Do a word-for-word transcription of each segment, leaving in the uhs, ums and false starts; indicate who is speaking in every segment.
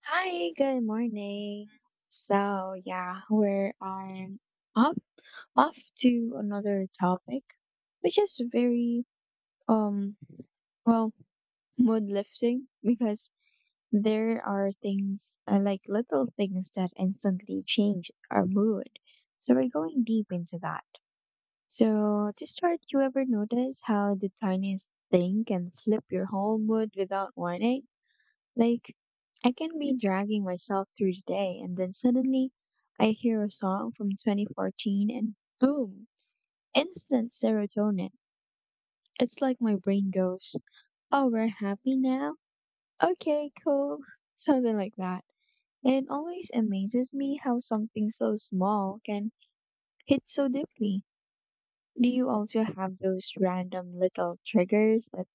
Speaker 1: Hi, good morning. So, yeah, we're on up off to another topic, which is very um well, mood lifting because there are things uh, like little things that instantly change our mood. So we're going deep into that. So to start, you ever notice how the tiniest thing can flip your whole mood without warning? Like, I can be dragging myself through the day, and then suddenly I hear a song from twenty fourteen and boom, instant serotonin. It's like my brain goes, oh, we're happy now? Okay, cool. Something like that. And it always amazes me how something so small can hit so deeply. Do you also have those random little triggers that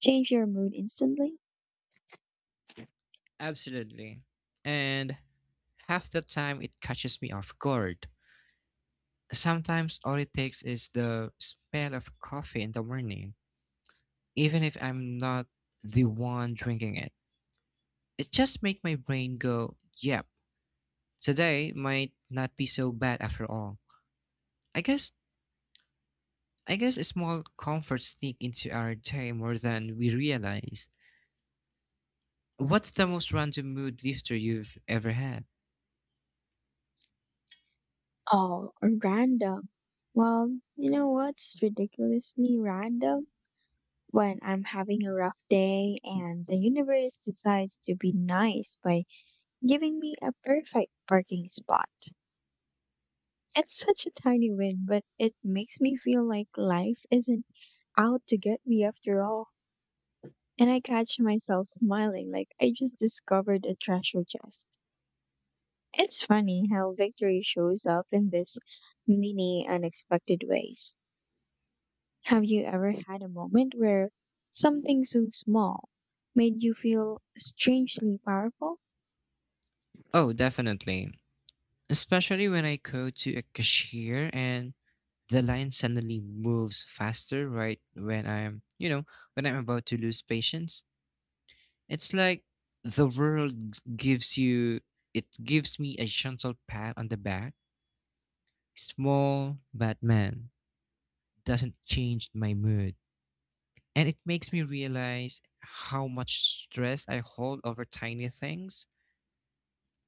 Speaker 1: change your mood instantly?
Speaker 2: Absolutely. And half the time it catches me off guard. Sometimes all it takes is the smell of coffee in the morning, even if I'm not the one drinking it. It just makes my brain go, yep, today might not be so bad after all. I guess I guess a small comfort sneak into our day more than we realize. What's the most random mood lifter you've ever had?
Speaker 1: Oh, random. Well, you know what's ridiculously random? When I'm having a rough day and the universe decides to be nice by giving me a perfect parking spot. It's such a tiny win, but it makes me feel like life isn't out to get me after all. And I catch myself smiling like I just discovered a treasure chest. It's funny how victory shows up in this many unexpected ways. Have you ever had a moment where something so small made you feel strangely powerful?
Speaker 2: Oh, definitely. Especially when I go to a cashier and the line suddenly moves faster right when I'm, you know, when I'm about to lose patience. It's like the world gives you, it gives me a gentle pat on the back. Small but man doesn't change my mood. And it makes me realize how much stress I hold over tiny things.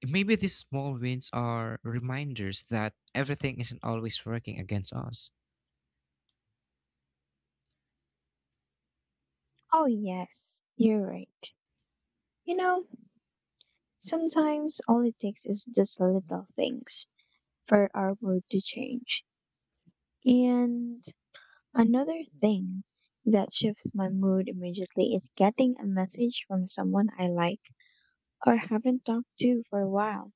Speaker 2: Maybe these small wins are reminders that everything isn't always working against us.
Speaker 1: Oh, yes, you're right. You know, sometimes all it takes is just little things for our mood to change. And another thing that shifts my mood immediately is getting a message from someone I like or haven't talked to for a while.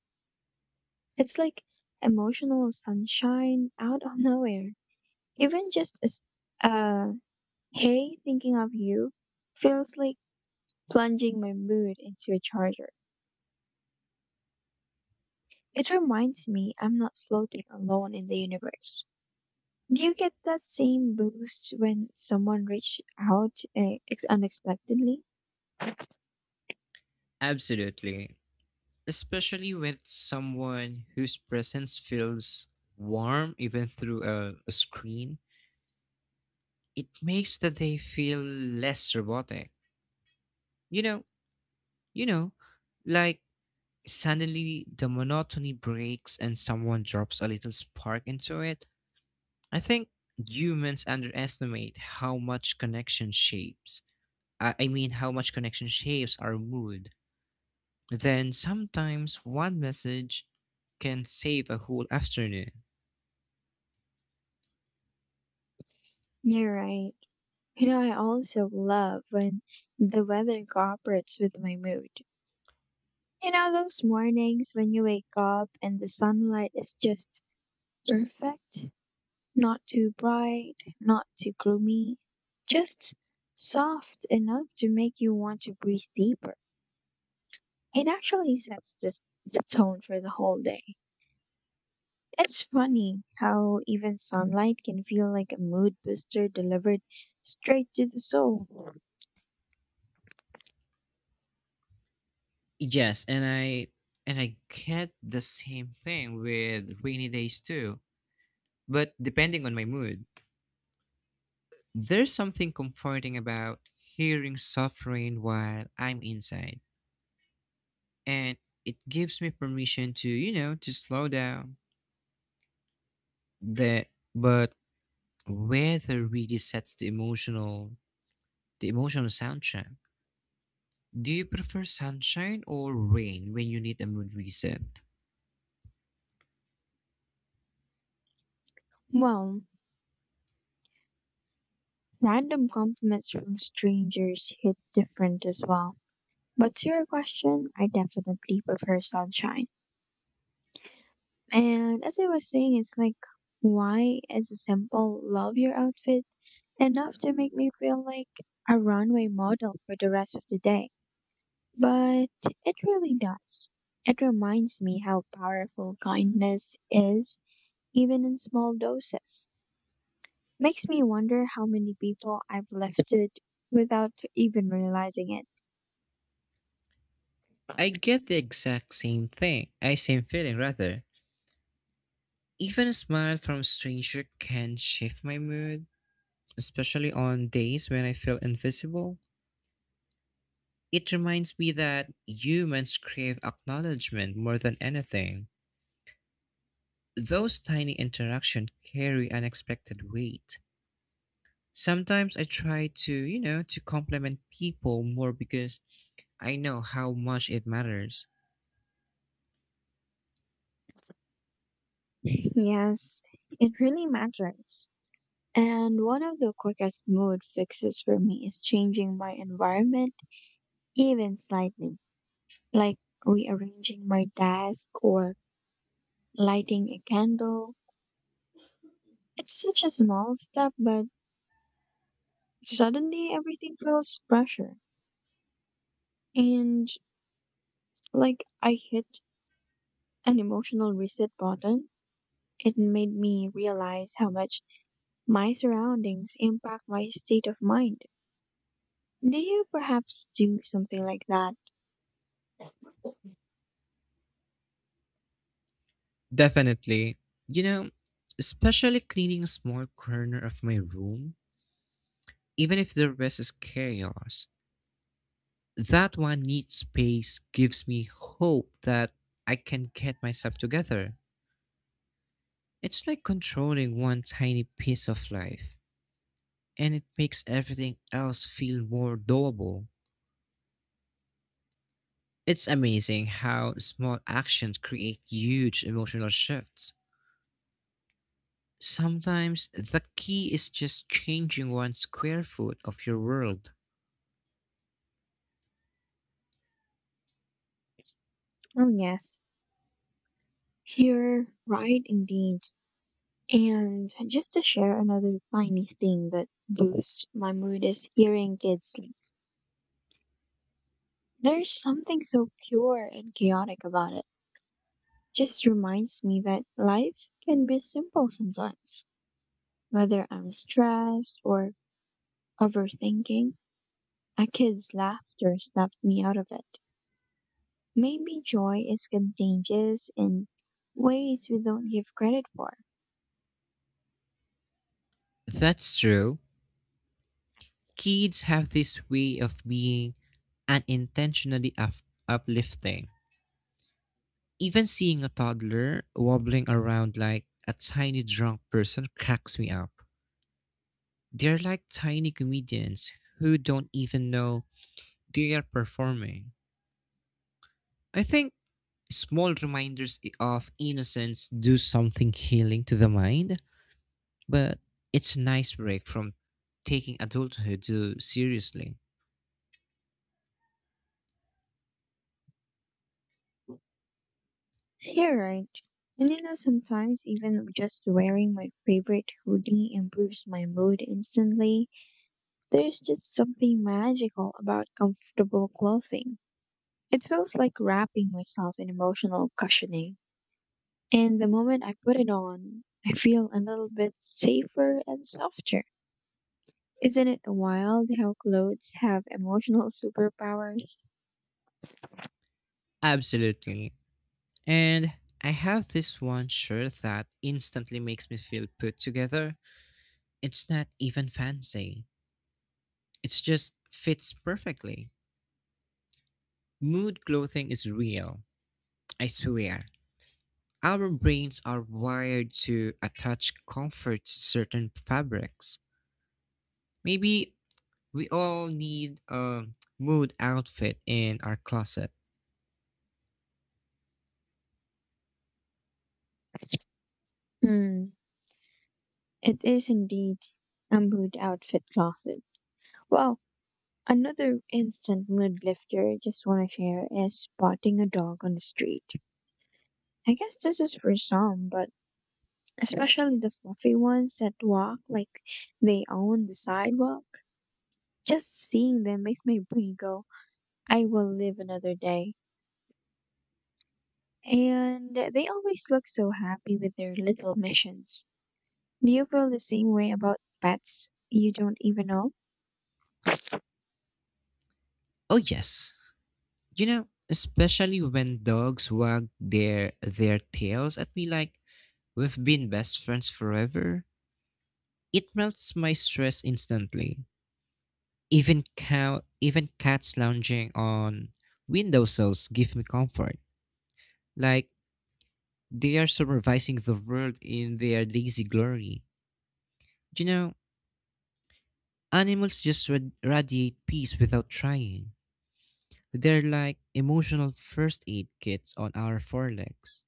Speaker 1: It's like emotional sunshine out of nowhere. Even just a s- a hey, thinking of you feels like plunging my mood into a charger. It reminds me I'm not floating alone in the universe. Do you get that same boost when someone reaches out uh, ex- unexpectedly?
Speaker 2: Absolutely. Especially with someone whose presence feels warm even through a, a screen, it makes the day feel less robotic. You know, you know, like suddenly the monotony breaks and someone drops a little spark into it. I think humans underestimate how much connection shapes. I I mean, how much connection shapes our mood. Then sometimes one message can save a whole afternoon.
Speaker 1: You're right. You know, I also love when the weather cooperates with my mood. You know, those mornings when you wake up and the sunlight is just perfect? Not too bright, not too gloomy, just soft enough to make you want to breathe deeper. It actually sets this, the tone for the whole day. It's funny how even sunlight can feel like a mood booster delivered straight to the soul.
Speaker 2: Yes, and I and I get the same thing with rainy days too, but depending on my mood. There's something comforting about hearing soft rain while I'm inside, and it gives me permission to, you know, to slow down. The but weather really sets the emotional the emotional soundtrack. Do you prefer sunshine or rain when you need a mood reset?
Speaker 1: Well, random compliments from strangers hit different as well. But to your question, I definitely prefer sunshine. And as I was saying, it's like, why is a simple love your outfit enough to make me feel like a runway model for the rest of the day? But it really does. It reminds me how powerful kindness is, even in small doses. Makes me wonder how many people I've lifted without even realizing
Speaker 2: I get the exact same thing, I same feeling rather. Even a smile from a stranger can shift my mood, especially on days when I feel invisible. It reminds me that humans crave acknowledgement more than anything. Those tiny interactions carry unexpected weight. Sometimes I try to, you know, to compliment people more because I know how much it matters.
Speaker 1: it. Yes, it really matters. And one of the quickest mood fixes for me is changing my environment even slightly, like rearranging my desk or lighting a candle. It's such a small step, but suddenly everything feels fresher. And like I hit an emotional reset button, it made me realize how much my surroundings impact my state of mind. Do you perhaps do something like that?
Speaker 2: Definitely. You know, especially cleaning a small corner of my room, even if the rest is chaos, that one neat space gives me hope that I can get myself together. It's like controlling one tiny piece of life, and it makes everything else feel more doable. It's amazing how small actions create huge emotional shifts. Sometimes the key is just changing one square foot of your world.
Speaker 1: Oh, yes. You're right, indeed. And just to share another tiny thing that boosts my mood is hearing kids sleep. There's something so pure and chaotic about it. Just reminds me that life can be simple sometimes. Whether I'm stressed or overthinking, a kid's laughter snaps me out of it. Maybe joy is contagious in ways we don't give credit for.
Speaker 2: That's true. Kids have this way of being unintentionally up- uplifting. Even seeing a toddler wobbling around like a tiny drunk person cracks me up. They're like tiny comedians who don't even know they are performing. I think small reminders of innocence do something healing to the mind, but it's a nice break from taking adulthood too seriously.
Speaker 1: You're right. And you know, sometimes even just wearing my favorite hoodie improves my mood instantly. There's just something magical about comfortable clothing. It feels like wrapping myself in emotional cushioning. And the moment I put it on, I feel a little bit safer and softer. Isn't it wild how clothes have emotional superpowers?
Speaker 2: Absolutely. And I have this one shirt that instantly makes me feel put together. It's not even fancy, it's just fits perfectly. Mood clothing is real, I swear. Our brains are wired to attach comfort to certain fabrics. Maybe we all need a mood outfit in our closet.
Speaker 1: Hmm, it is indeed a mood outfit closet. Wow. Another instant mood lifter I just want to share is spotting a dog on the street. I guess this is for some, but especially the fluffy ones that walk like they own the sidewalk. Just seeing them makes my brain go, I will live another day. And they always look so happy with their little missions. Do you feel the same way about pets you don't even know?
Speaker 2: Oh yes. You know, especially when dogs wag their their tails at me like we've been best friends forever. It melts my stress instantly. Even cow even cats lounging on windowsills give me comfort. Like they are supervising the world in their lazy glory. You know, animals just rad- radiate peace without trying. They're like emotional first aid kits on our forelegs.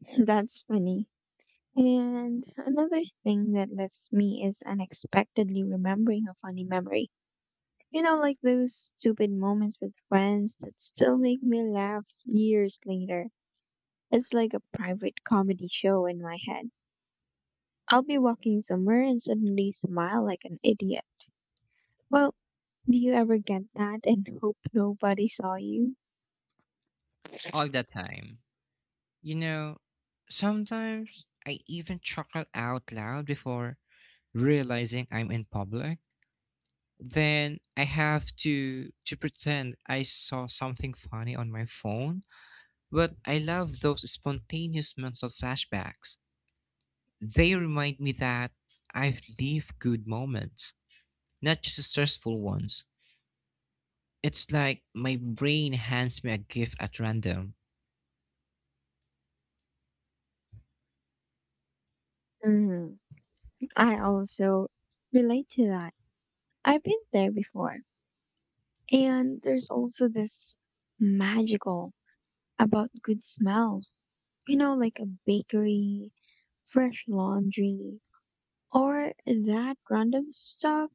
Speaker 1: That's funny. And another thing that lifts me is unexpectedly remembering a funny memory. You know, like those stupid moments with friends that still make me laugh years later. It's like a private comedy show in my head. I'll be walking somewhere and suddenly smile like an idiot. Well, do you ever get that and hope nobody saw you?
Speaker 2: All the time. You know, sometimes I even chuckle out loud before realizing I'm in public, then I have to to pretend I saw something funny on my phone. But I love those spontaneous mental flashbacks. They remind me that I've lived good moments, not just stressful ones. It's like my brain hands me a gift at random.
Speaker 1: Mm, I also relate to that. I've been there before. And there's also this magical about good smells. You know, like a bakery, fresh laundry, or that random stuff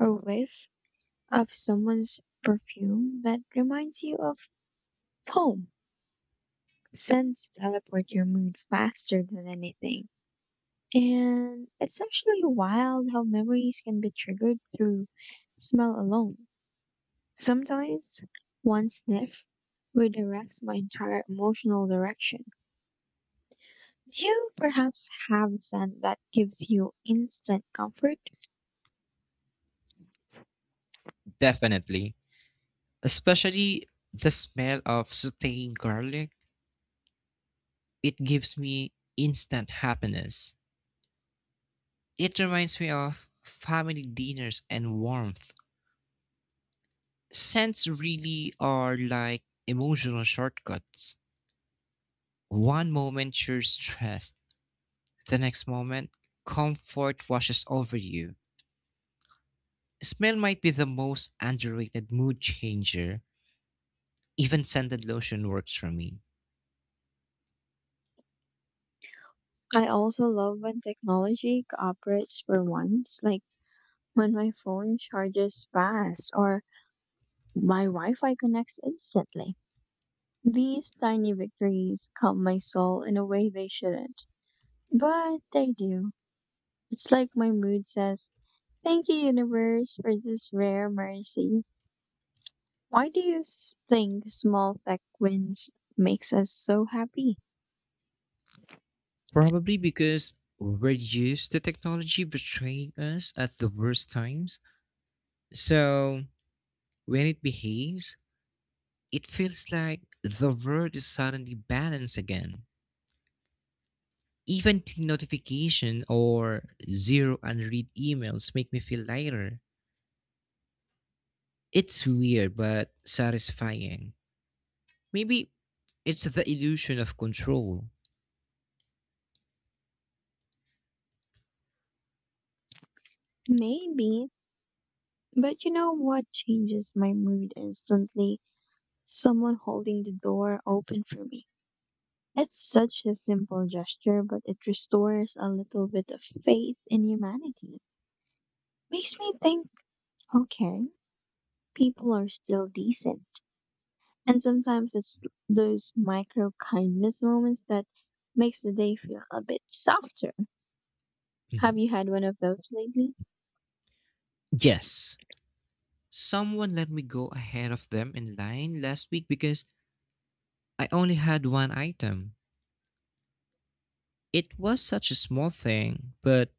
Speaker 1: a whiff of someone's perfume that reminds you of home. Scents teleport your mood faster than anything. And it's actually wild how memories can be triggered through smell alone. Sometimes one sniff redirects my entire emotional direction. Do you perhaps have a scent that gives you instant comfort?
Speaker 2: Definitely. Especially the smell of sauteing garlic. It gives me instant happiness. It reminds me of family dinners and warmth. Scents really are like emotional shortcuts. One moment you're stressed, the next moment, comfort washes over you. Smell might be the most underrated mood changer. Even scented lotion works for me.
Speaker 1: I also love when technology cooperates for once, like when my phone charges fast or my Wi Fi connects instantly. These tiny victories calm my soul in a way they shouldn't, but they do. It's like my mood says, thank you, universe, for this rare mercy. Why do you s- think small tech wins makes us so happy?
Speaker 2: Probably because we're used to technology betraying us at the worst times. So when it behaves, it feels like the world is suddenly balanced again. Even clean notification or zero unread emails make me feel lighter. It's weird but satisfying. Maybe it's the illusion of control.
Speaker 1: Maybe, but you know what changes my mood instantly? Someone holding the door open for me. It's such a simple gesture, but it restores a little bit of faith in humanity. Makes me think, okay, people are still decent. And sometimes it's those micro kindness moments that makes the day feel a bit softer. Have
Speaker 2: Mhm.
Speaker 1: you had one of those lately?
Speaker 2: Yes. Someone let me go ahead of them in line last week because I only had one item. It was such a small thing, but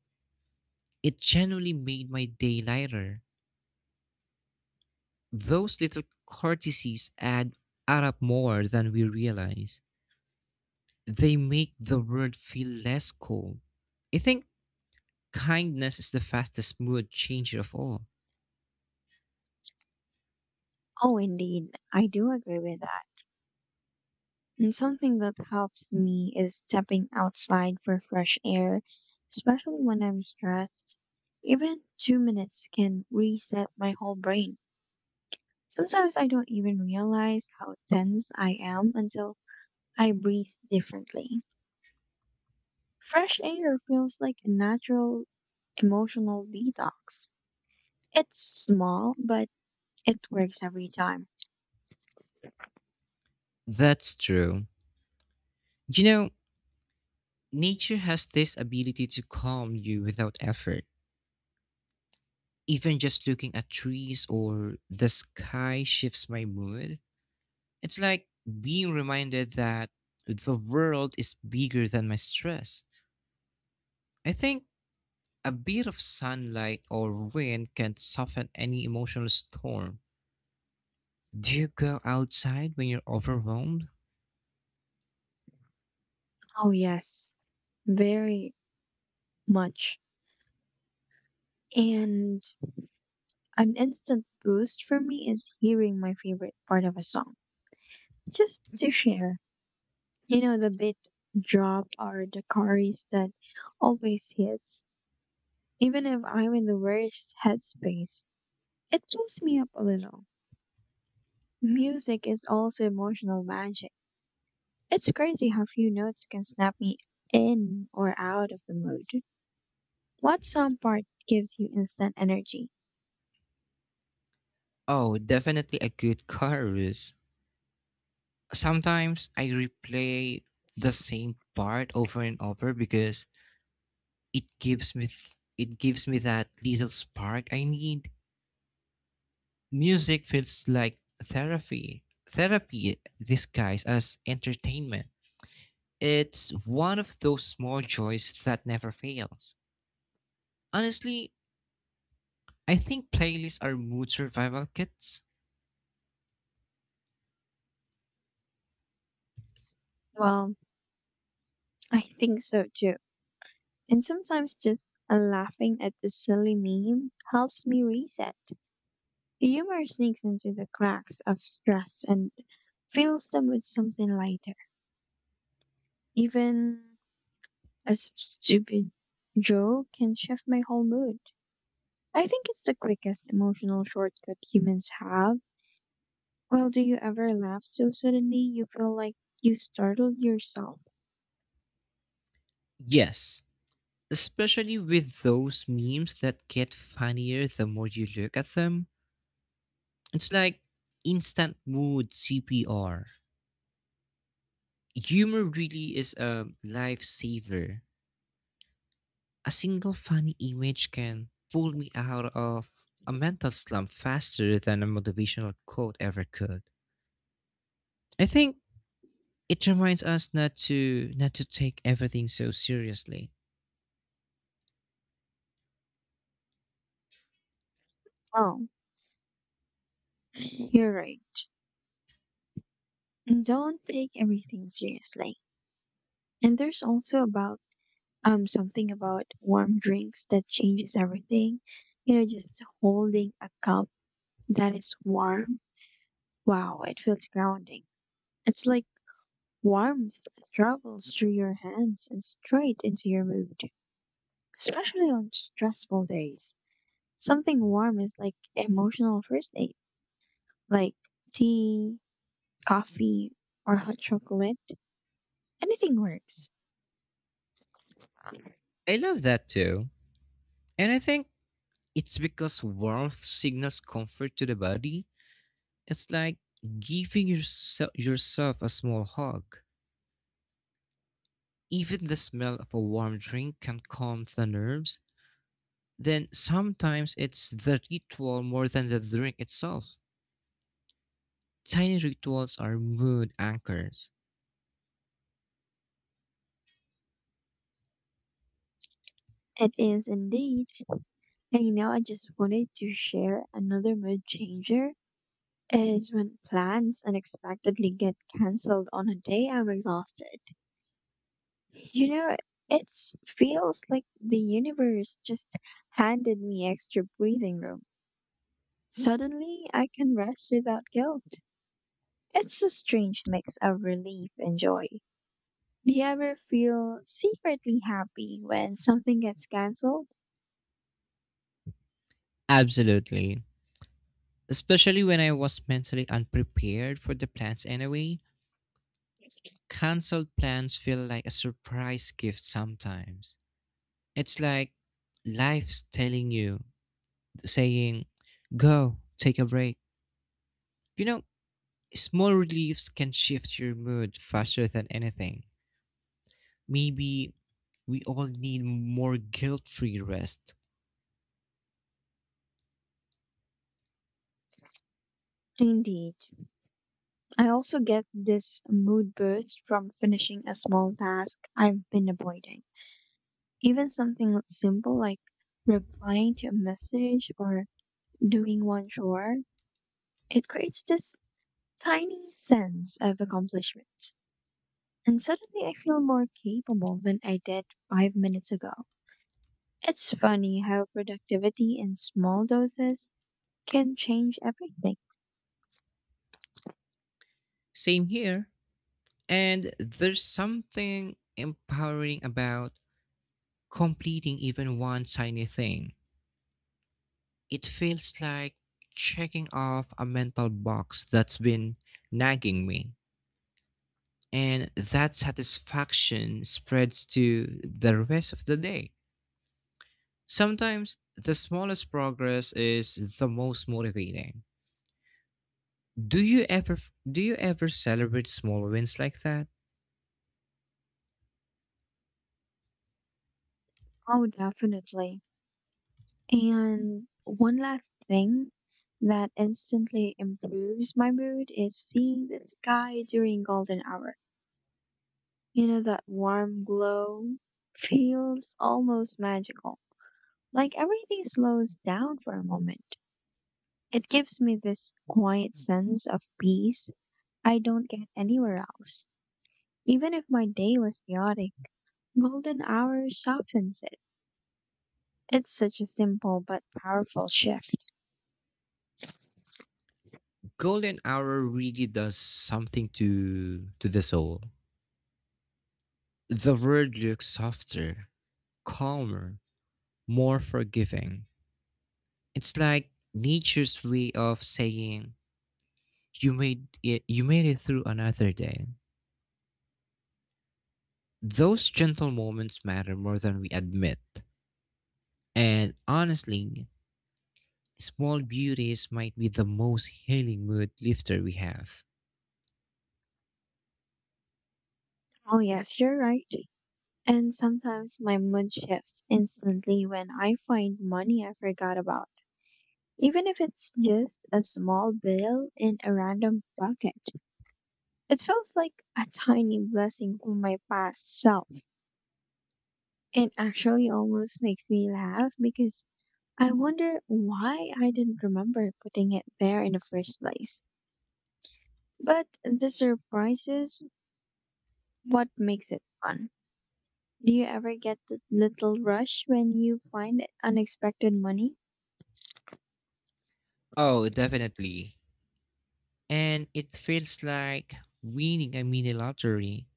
Speaker 2: it genuinely made my day lighter. Those little courtesies add, add up more than we realize. They make the world feel less cold. I think kindness is the fastest mood changer of all.
Speaker 1: Oh, indeed. I do agree with that. And something that helps me is stepping outside for fresh air, especially when I'm stressed. Even two minutes can reset my whole brain. Sometimes I don't even realize how tense I am until I breathe differently. Fresh air feels like a natural emotional detox. It's small, but it works every time.
Speaker 2: That's true. You know, nature has this ability to calm you without effort. Even just looking at trees or the sky shifts my mood. It's like being reminded that the world is bigger than my stress. I think a bit of sunlight or wind can soften any emotional storm. Do you go outside when you're overwhelmed?
Speaker 1: Oh, yes, very much. And an instant boost for me is hearing my favorite part of a song, just to share. You know, the beat drop or the chorus that always hits, even if I'm in the worst headspace. It pulls me up a little. Music is also emotional magic. It's crazy how few notes can snap me in or out of the mood. What song part gives you instant energy?
Speaker 2: Oh, definitely a good chorus. Sometimes I replay the same part over and over because it gives me th- it gives me that little spark I need. Music feels like therapy. Therapy disguised as entertainment. It's one of those small joys that never fails. Honestly, I think playlists are mood survival kits.
Speaker 1: Well, I think so too. And sometimes just laughing at the silly meme helps me reset. Humor sneaks into the cracks of stress and fills them with something lighter. Even a s- stupid joke can shift my whole mood. I think it's the quickest emotional shortcut humans have. Well, do you ever laugh so suddenly you feel like you startled yourself?
Speaker 2: Yes, especially with those memes that get funnier the more you look at them. It's like instant mood C P R. Humor really is a lifesaver. A single funny image can pull me out of a mental slump faster than a motivational quote ever could. I think it reminds us not to not to take everything so seriously.
Speaker 1: Oh, you're right. And don't take everything seriously. And there's also about um something about warm drinks that changes everything. You know, just holding a cup that is warm. Wow, it feels grounding. It's like warmth travels through your hands and straight into your mood, especially on stressful days. Something warm is like emotional first aid, like tea, coffee, or hot chocolate. Anything works.
Speaker 2: I love that too. And I think it's because warmth signals comfort to the body. It's like giving yourself, yourself a small hug. Even the smell of a warm drink can calm the nerves. Then sometimes it's the ritual more than the drink itself. Tiny rituals are mood anchors.
Speaker 1: It is indeed. And you know, I just wanted to share another mood changer is when plans unexpectedly get cancelled on a day I'm exhausted. You know, it feels like the universe just handed me extra breathing room. Suddenly, I can rest without guilt. It's a strange mix of relief and joy. Do you ever feel secretly happy when something gets cancelled?
Speaker 2: Absolutely. Especially when I was mentally unprepared for the plans anyway. Cancelled plans feel like a surprise gift sometimes. It's like life's telling you saying, go, take a break. You know, small reliefs can shift your mood faster than anything. Maybe we all need more guilt free rest.
Speaker 1: Indeed. I also get this mood boost from finishing a small task I've been avoiding. Even something simple like replying to a message or doing one chore, it creates this tiny sense of accomplishment. And suddenly I feel more capable than I did five minutes ago. It's funny how productivity in small doses can change everything.
Speaker 2: Same here. And there's something empowering about completing even one tiny thing. It feels like checking off a mental box that's been nagging me. And that satisfaction spreads to the rest of the day. Sometimes the smallest progress is the most motivating. Do you ever do you ever celebrate small wins like that?
Speaker 1: Oh, definitely. And one last thing that instantly improves my mood is seeing the sky during golden hour. You know, that warm glow feels almost magical. Like everything slows down for a moment. It gives me this quiet sense of peace I don't get anywhere else. Even if my day was chaotic, golden hour softens it. It's such a simple but powerful shift.
Speaker 2: Golden hour really does something to to the soul. The world looks softer, calmer, more forgiving. It's like nature's way of saying you made it you made it through another day. Those gentle moments matter more than we admit. And honestly, small beauties might be the most healing mood lifter we have.
Speaker 1: Oh, yes, you're right. And sometimes my mood shifts instantly when I find money I forgot about. Even if it's just a small bill in a random bucket, it feels like a tiny blessing from my past self. It actually almost makes me laugh because I wonder why I didn't remember putting it there in the first place. But the surprise is what makes it fun. Do you ever get that little rush when you find unexpected money?
Speaker 2: Oh, definitely. And it feels like winning a mini lottery.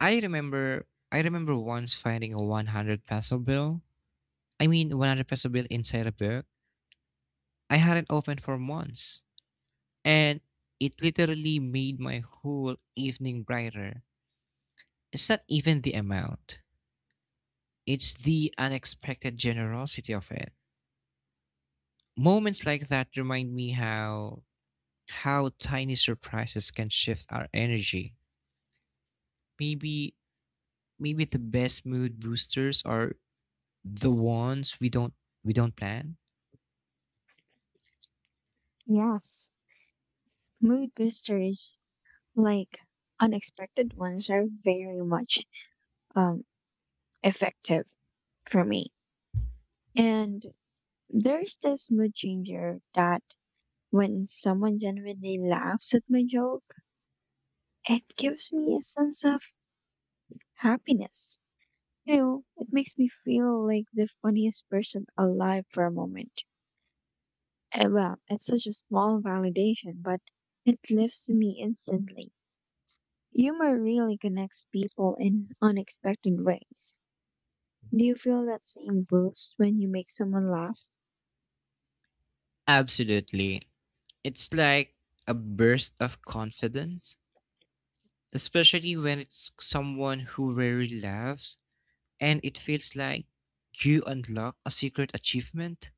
Speaker 2: I remember I remember once finding a one hundred peso bill. I mean one hundred peso bill inside a book I hadn't opened for months. And it literally made my whole evening brighter. It's not even the amount. It's the unexpected generosity of it. Moments like that remind me how how tiny surprises can shift our energy. Maybe Maybe the best mood boosters are the ones we don't we don't plan.
Speaker 1: Yes. Mood boosters like unexpected ones are very much um, effective for me. And there's this mood changer that when someone genuinely laughs at my joke, it gives me a sense of happiness. You know, it makes me feel like the funniest person alive for a moment. Eh, Well, it's such a small validation, but it lifts me instantly. Humor really connects people in unexpected ways. Do you feel that same boost when you make someone laugh?
Speaker 2: Absolutely. It's like a burst of confidence, especially when it's someone who rarely laughs and it feels like you unlock a secret achievement.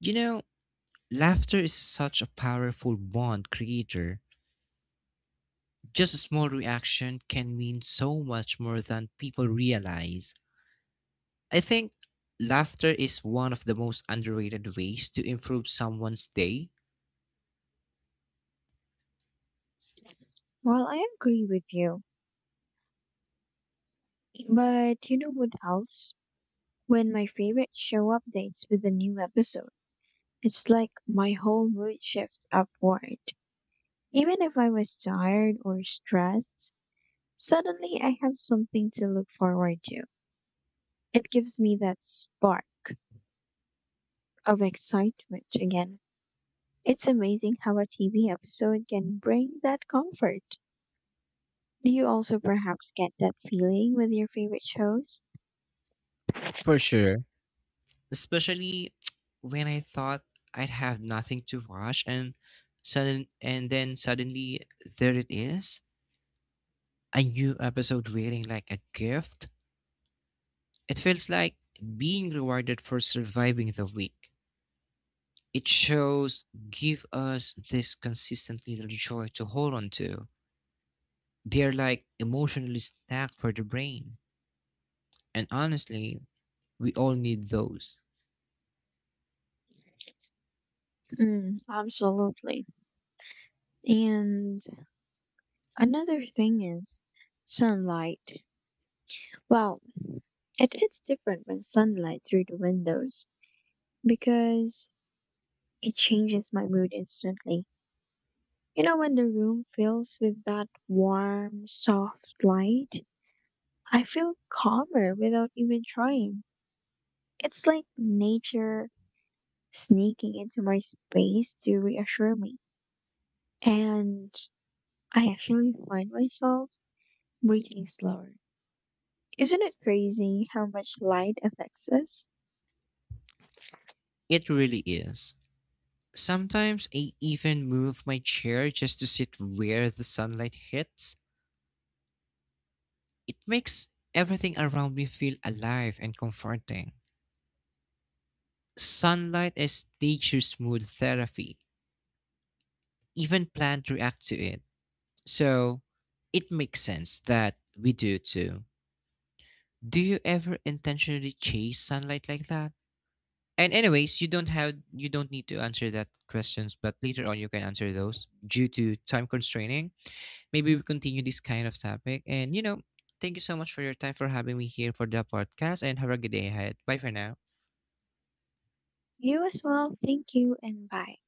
Speaker 2: You know, laughter is such a powerful bond creator. Just a small reaction can mean so much more than people realize. I think laughter is one of the most underrated ways to improve someone's day,
Speaker 1: Well, I agree with you. But you know what else? When my favorite show updates with a new episode, it's like my whole mood shifts upward. Even if I was tired or stressed, suddenly I have something to look forward to. It gives me that spark of excitement again. It's amazing how a T V episode can bring that comfort. Do you also perhaps get that feeling with your favorite shows?
Speaker 2: for sure. Especially when I thought I'd have nothing to watch and sudden and then suddenly there it is. A new episode waiting like a gift. It feels like being rewarded for surviving the week. It shows give us this consistent little joy to hold on to. They're like emotionally stacked for the brain. And honestly, we all need those.
Speaker 1: Mm, absolutely. And another thing is sunlight. Well, it is different when sunlight through the windows because it changes my mood instantly. You know, when the room fills with that warm, soft light, I feel calmer without even trying. It's like nature sneaking into my space to reassure me. And I actually find myself breathing slower. Isn't it crazy how much light affects us?
Speaker 2: It really is. Sometimes I even move my chair just to sit where the sunlight hits. It makes everything around me feel alive and comforting. Sunlight is nature's mood therapy. Even plants react to it. So it makes sense that we do too. Do you ever intentionally chase sunlight like that? And anyways, you don't have you don't need to answer that questions, but later on you can answer those due to time constraining. Maybe we continue this kind of topic. And you know, thank you so much for your time for having me here for the podcast and have a good day ahead. Bye for now.
Speaker 1: You as well. Thank you and bye.